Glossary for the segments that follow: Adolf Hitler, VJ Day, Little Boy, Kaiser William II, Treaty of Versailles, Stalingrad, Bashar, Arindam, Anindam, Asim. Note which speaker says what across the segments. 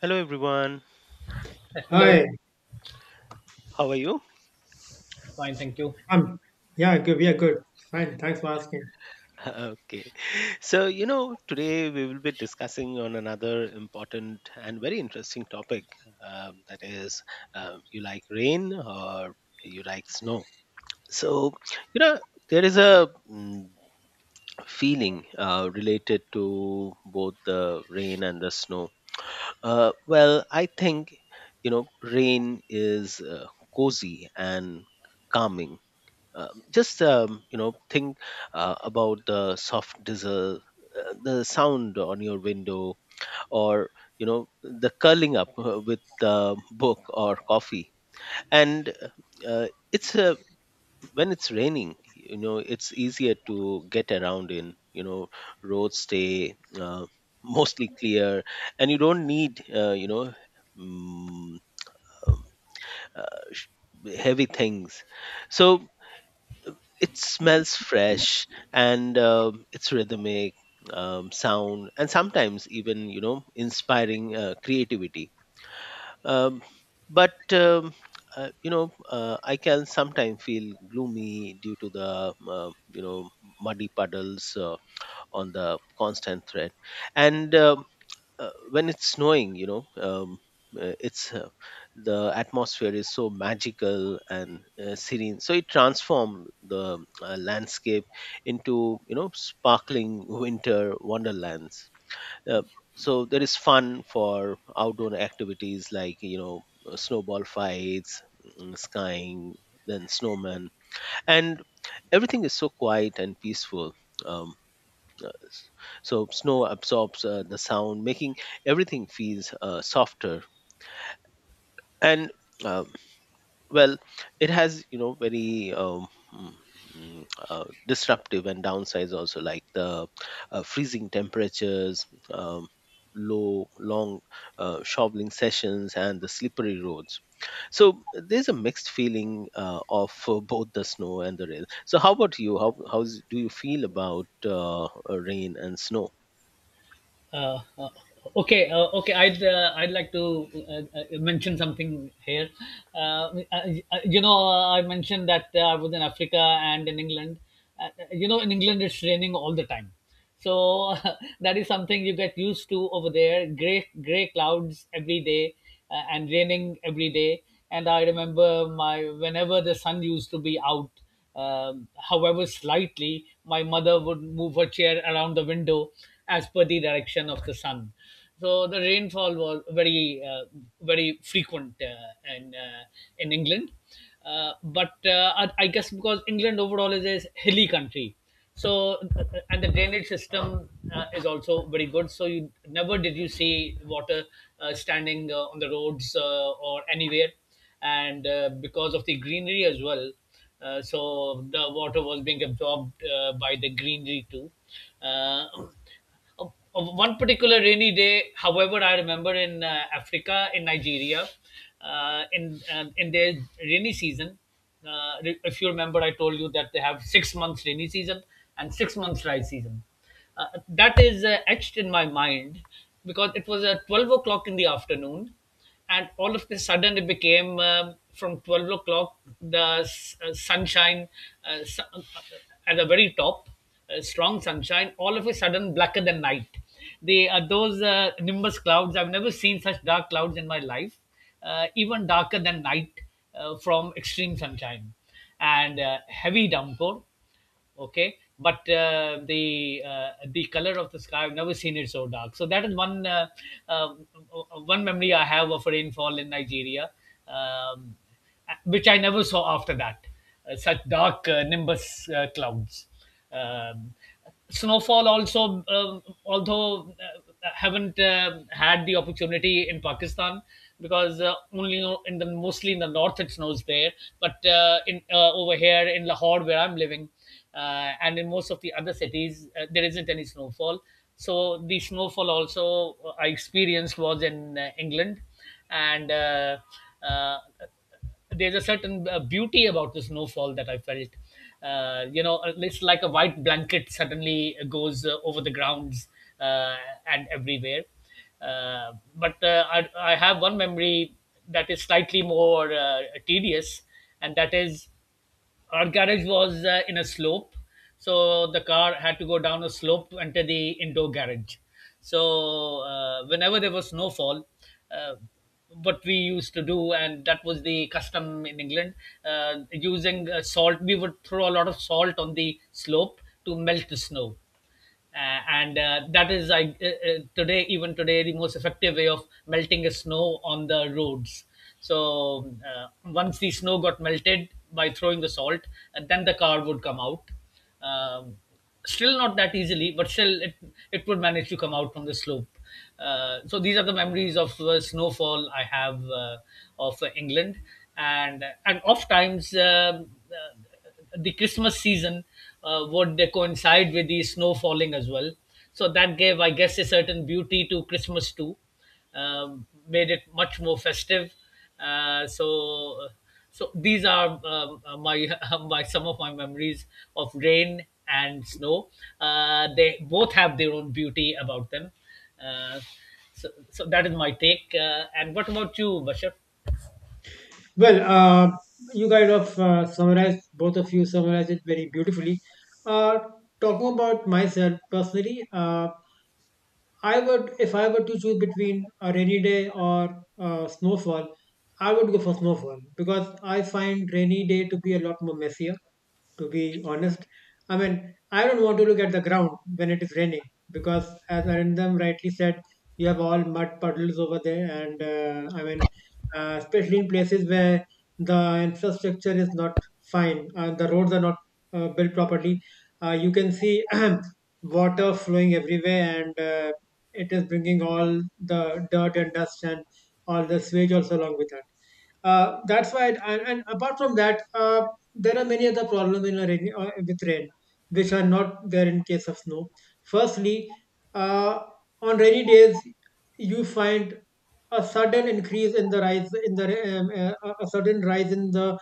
Speaker 1: Hello everyone.
Speaker 2: Hello.
Speaker 3: Hi,
Speaker 1: How are you?
Speaker 2: Fine, thank you.
Speaker 3: um, yeah, good, yeah, good, fine. Thanks for asking.
Speaker 1: Okay. So, today we will be discussing on another important and very interesting topic that is you like rain or you like snow. So, you know, there is a feeling related to both the rain and the snow. Well, I think, you know, rain is cozy and calming. Just you know, think about the soft drizzle, the sound on your window, or, you know, the curling up with the book or coffee. And it's a when it's raining, you know, it's easier to get around in. You know, roads stay mostly clear, and you don't need mm, um, uh, sh- heavy things, so it smells fresh, and it's rhythmic sound, and sometimes, even, you know, inspiring creativity. Um, but um, uh, you know, I can sometimes feel gloomy due to the you know, muddy puddles on the constant thread. And when it's snowing, you know, it's the atmosphere is so magical and serene, so it transforms the landscape into, you know, sparkling winter wonderlands. Uh, so there is fun for outdoor activities like, you know, snowball fights, skying, then snowman, and everything is so quiet and peaceful. um, uh, s- so snow absorbs the sound, making everything feels softer. And uh, well, it has, you know, very mm, disruptive and downsides also, like the freezing temperatures. Low long shoveling sessions and the slippery roads, so there's a mixed feeling of both the snow and the rain. So how about you? How do you feel about rain and snow?
Speaker 2: Uh, uh, okay. I'd like to mention something here. I mentioned that I was in Africa and in England. In England it's raining all the time, so that is something you get used to over there. Gray clouds every day and raining every day. And I remember my whenever the sun used to be out. However, slightly, my mother would move her chair around the window as per the direction of the sun. So the rainfall was very frequent in England. But I guess because England overall is a hilly country, so and the drainage system is also very good. So you never did you see water standing on the roads or anywhere, and because of the greenery as well, so the water was being absorbed by the greenery too. uh, of- of one particular rainy day, however, I remember in Africa, in Nigeria, uh, in in their rainy season, if you remember, I told you that they have 6 months rainy season and 6 months dry season. uh, that is etched in my mind because it was at 12 o'clock in the afternoon, and all of a sudden it became, from 12 o'clock the sunshine, uh, su- uh, at the very top, strong sunshine, all of a sudden blacker than night. They are those nimbus clouds. I've never seen such dark clouds in my life, even darker than night, from extreme sunshine and heavy downpour. Okay, but the color of the sky, I've never seen it so dark. So that is uh, one memory I have of rainfall in Nigeria, um, which I never saw after that, such dark nimbus clouds. um, Snowfall also, although haven't had the opportunity in Pakistan, because only in the mostly in the north it snows there, but in over here in Lahore, where I'm living, and in most of the other cities, there isn't any snowfall. So the snowfall also I experienced was in England. And uh, uh, there's a certain beauty about the snowfall that I felt. You know, it's like a white blanket suddenly goes over the grounds uh, and everywhere. But I have one memory that is slightly more tedious, and that is, our garage was in a slope, so the car had to go down a slope to enter the indoor garage. So whenever there was snowfall, uh, what we used to do, and that was the custom in England, using salt, we would throw a lot of salt on the slope to melt the snow. uh, and that is today, even today, the most effective way of melting the snow on the roads. So once the snow got melted by throwing the salt, and then the car would come out, um, still not that easily, but still it would manage to come out from the slope. So these are the memories of snowfall I have of England. And oft times, the Christmas season would coincide with the snow falling as well. So that gave, I guess, a certain beauty to Christmas too, made it much more festive. Uh, so, so these are my my some of my memories of rain and snow. They both have their own beauty about them. Uh, so that is my take. And what about you, Bashar?
Speaker 3: Well, you kind of summarized both of you summarized it very beautifully. Uh, Talking about myself personally, I would, if I were to choose between a rainy day or snowfall, I would go for snowfall because I find rainy day to be a lot more messier. To be honest, I mean, I don't want to look at the ground when it is raining because, as Arindam rightly said, you have all mud puddles over there, and I mean, especially in places where the infrastructure is not fine and the roads are not built properly, you can see water flowing everywhere, and it is bringing all the dirt and dust and all the sewage also along with that. That's why, it, and apart from that, there are many other problems in a rain, with rain, which are not there in case of snow. Firstly, uh, on rainy days, you find a sudden increase in the rise in the a sudden rise in the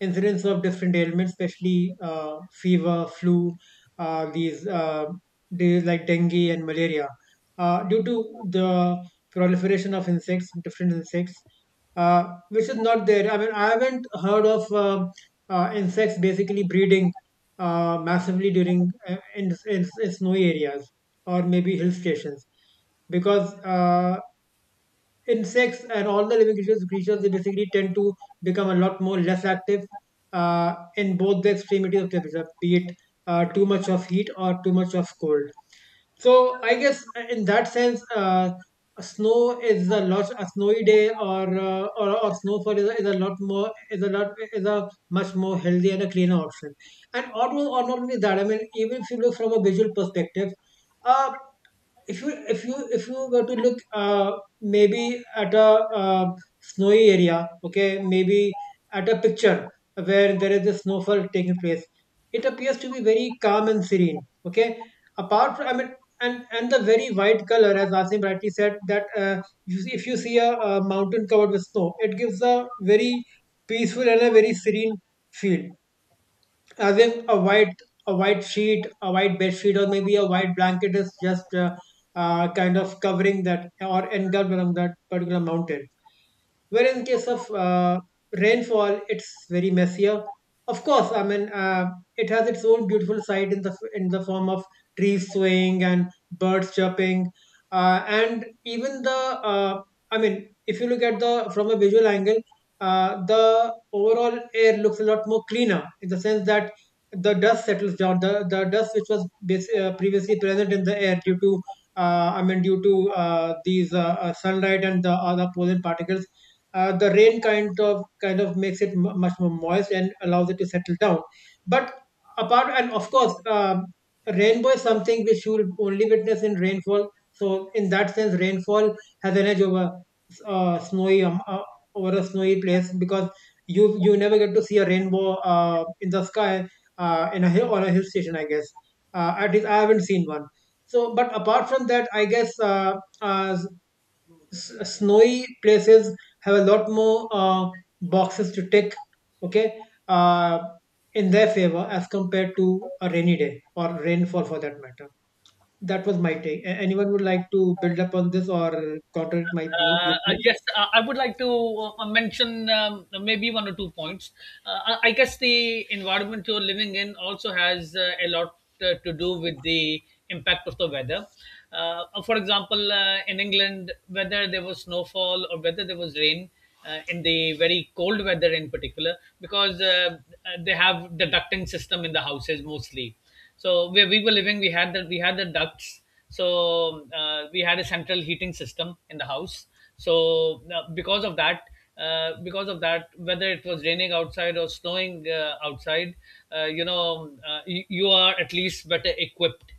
Speaker 3: incidence of different ailments, especially fever, flu, these days like dengue and malaria due to the proliferation of insects, different insects, uh, which is not there. I mean, I haven't heard of insects basically breeding massively in snowy areas or maybe hill stations because insects and all the living creatures, creatures they basically tend to become a lot more less active in both the extremities of temperature, be it too much of heat or too much of cold. So I guess in that sense, a snow is a lot a snowy day or or snowfall is a lot more is a much more healthy and a cleaner option. And or not only that, I mean, even if you look from a visual perspective, uh, if you if you were to look, maybe at a, uh, snowy area, okay, maybe at a picture where there is a snowfall taking place, it appears to be very calm and serene. Okay, apart from, I mean, and the very white color, as Asim rightly said, that you see, if you see a mountain covered with snow, it gives a very peaceful and a very serene feel, as if a white, a white sheet a white bed sheet, or maybe a white blanket is just kind of covering that or enveloping that particular mountain. Whereas in case of rainfall, it's very messier. Of course, I mean, it has its own beautiful side in the form of trees swaying and birds chirping, and even the, uh, I mean, if you look at the from a visual angle, the overall air looks a lot more cleaner in the sense that the dust settles down, the dust which was previously present in the air due to I mean due to these sunlight and the other pollen particles. The rain kind of makes it mu much more moist and allows it to settle down. But apart, and of course, um, rainbow is something which you will only witness in rainfall. So in that sense, rainfall has an edge over snowy over a snowy place because you never get to see a rainbow in the sky, in a hill on a hill station, I guess. At least I haven't seen one. So, but apart from that, I guess uh, snowy places have a lot more boxes to tick, okay, uh, in their favor as compared to a rainy day or rainfall for that matter. That was my take. Anyone would like to build up on this or contradict my
Speaker 2: I
Speaker 3: viewpoint?
Speaker 2: guess I would like to mention, maybe one or two points. I guess the environment you're living in also has a lot to do with the impact of the weather. For example, in England, whether there was snowfall or whether there was rain, in the very cold weather in particular, because they have the ducting system in the houses mostly. So where we were living, we had the ducts, so we had a central heating system in the house. So uh, because of that, because of that, whether it was raining outside or snowing outside, you know, you are at least better equipped.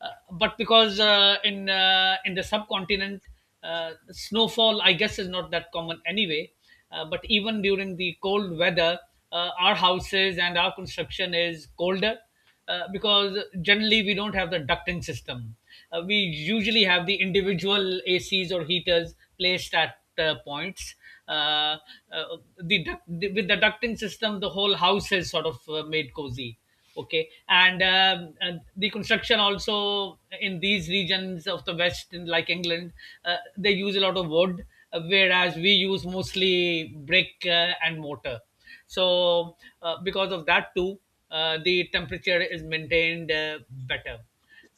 Speaker 2: But because in the subcontinent, snowfall, I guess, is not that common anyway. But even during the cold weather, our houses and our construction is colder, because generally we don't have the ducting system. We usually have the individual ACs or heaters placed at points. Uh, the, duct- the With the ducting system, the whole house is sort of made cozy. Okay, and the construction also in these regions of the West, in, like, England, they use a lot of wood, whereas we use mostly brick and mortar. So, because of that too, the temperature is maintained better.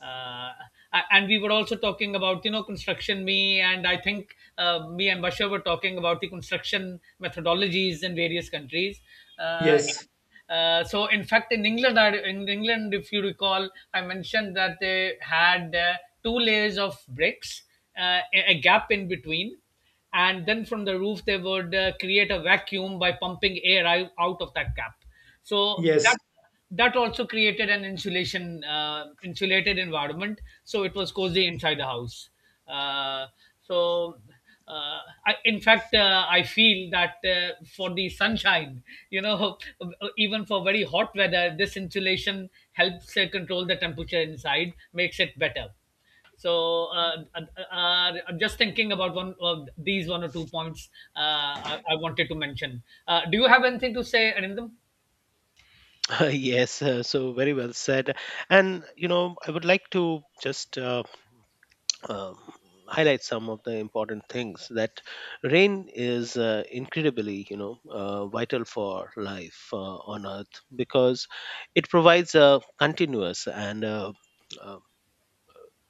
Speaker 2: Uh, and we were also talking about, you know, construction. Me and Bashar were talking about the construction methodologies in various countries. Uh,
Speaker 3: Yes.
Speaker 2: so in fact, in England, in England, if you recall, I mentioned that they had two layers of bricks, a gap in between, and then from the roof they would create a vacuum by pumping air out of that cap, so
Speaker 3: Yes,
Speaker 2: that that also created an insulation, insulated environment, so it was cozy inside the house. uh, so uh, in fact, I feel that for the sunshine, you know, even for very hot weather, this insulation helps control the temperature inside, makes it better. so uh, uh, I'm just thinking about one of these one or two points I wanted to mention. Do you have anything to say, Anindam?
Speaker 1: Yes, so very well said. And, you know, I would like to just um, highlight some of the important things, that rain is incredibly, you know, vital for life on earth, because it provides a continuous and uh,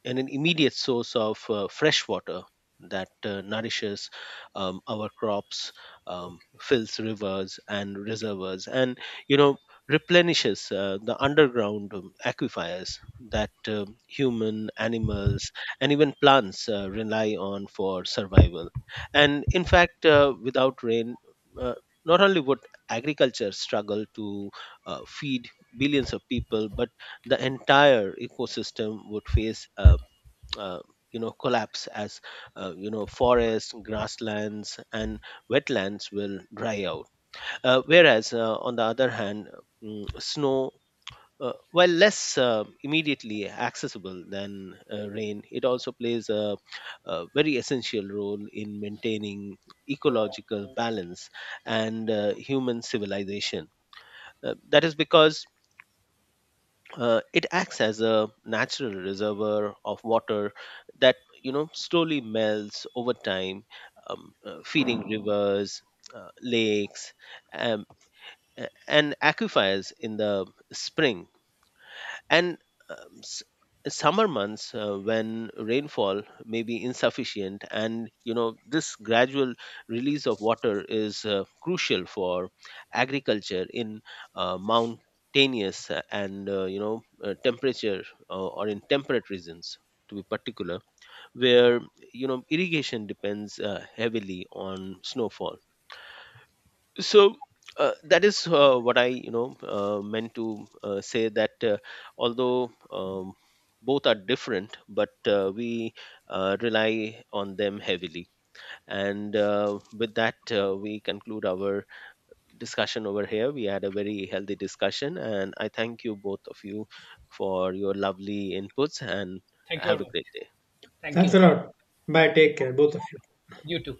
Speaker 1: and an immediate source of fresh water that nourishes our crops, fills rivers and reservoirs, and, you know, replenishes the underground aquifers that human animals and even plants rely on for survival. And in fact, without rain, uh, not only would agriculture struggle to feed billions of people, but the entire ecosystem would face uh, you know, collapse, as, you know, forests, grasslands and wetlands will dry out. Uh, whereas, on the other hand, snow, while less immediately accessible than rain, it also plays a very essential role in maintaining ecological balance and human civilization. That is because it acts as a natural reservoir of water, that, you know, slowly melts over time, feeding rivers, lakes, um, and aquifers in the spring and um, s- summer months, when rainfall may be insufficient. And, you know, this gradual release of water is crucial for agriculture in mountainous and you know, temperature or in temperate regions, to be particular, where, you know, irrigation depends heavily on snowfall. So that is what I, you know, meant to say, that, although both are different, but we rely on them heavily. And with that, we conclude our discussion over here. We had a very healthy discussion, and I thank you, both of you, for your lovely inputs, and
Speaker 2: Thank you
Speaker 1: have
Speaker 2: very
Speaker 1: a
Speaker 2: much.
Speaker 1: great day.
Speaker 2: Thank
Speaker 3: thanks a
Speaker 2: you.
Speaker 3: lot. Bye, take care both of you.
Speaker 2: You too.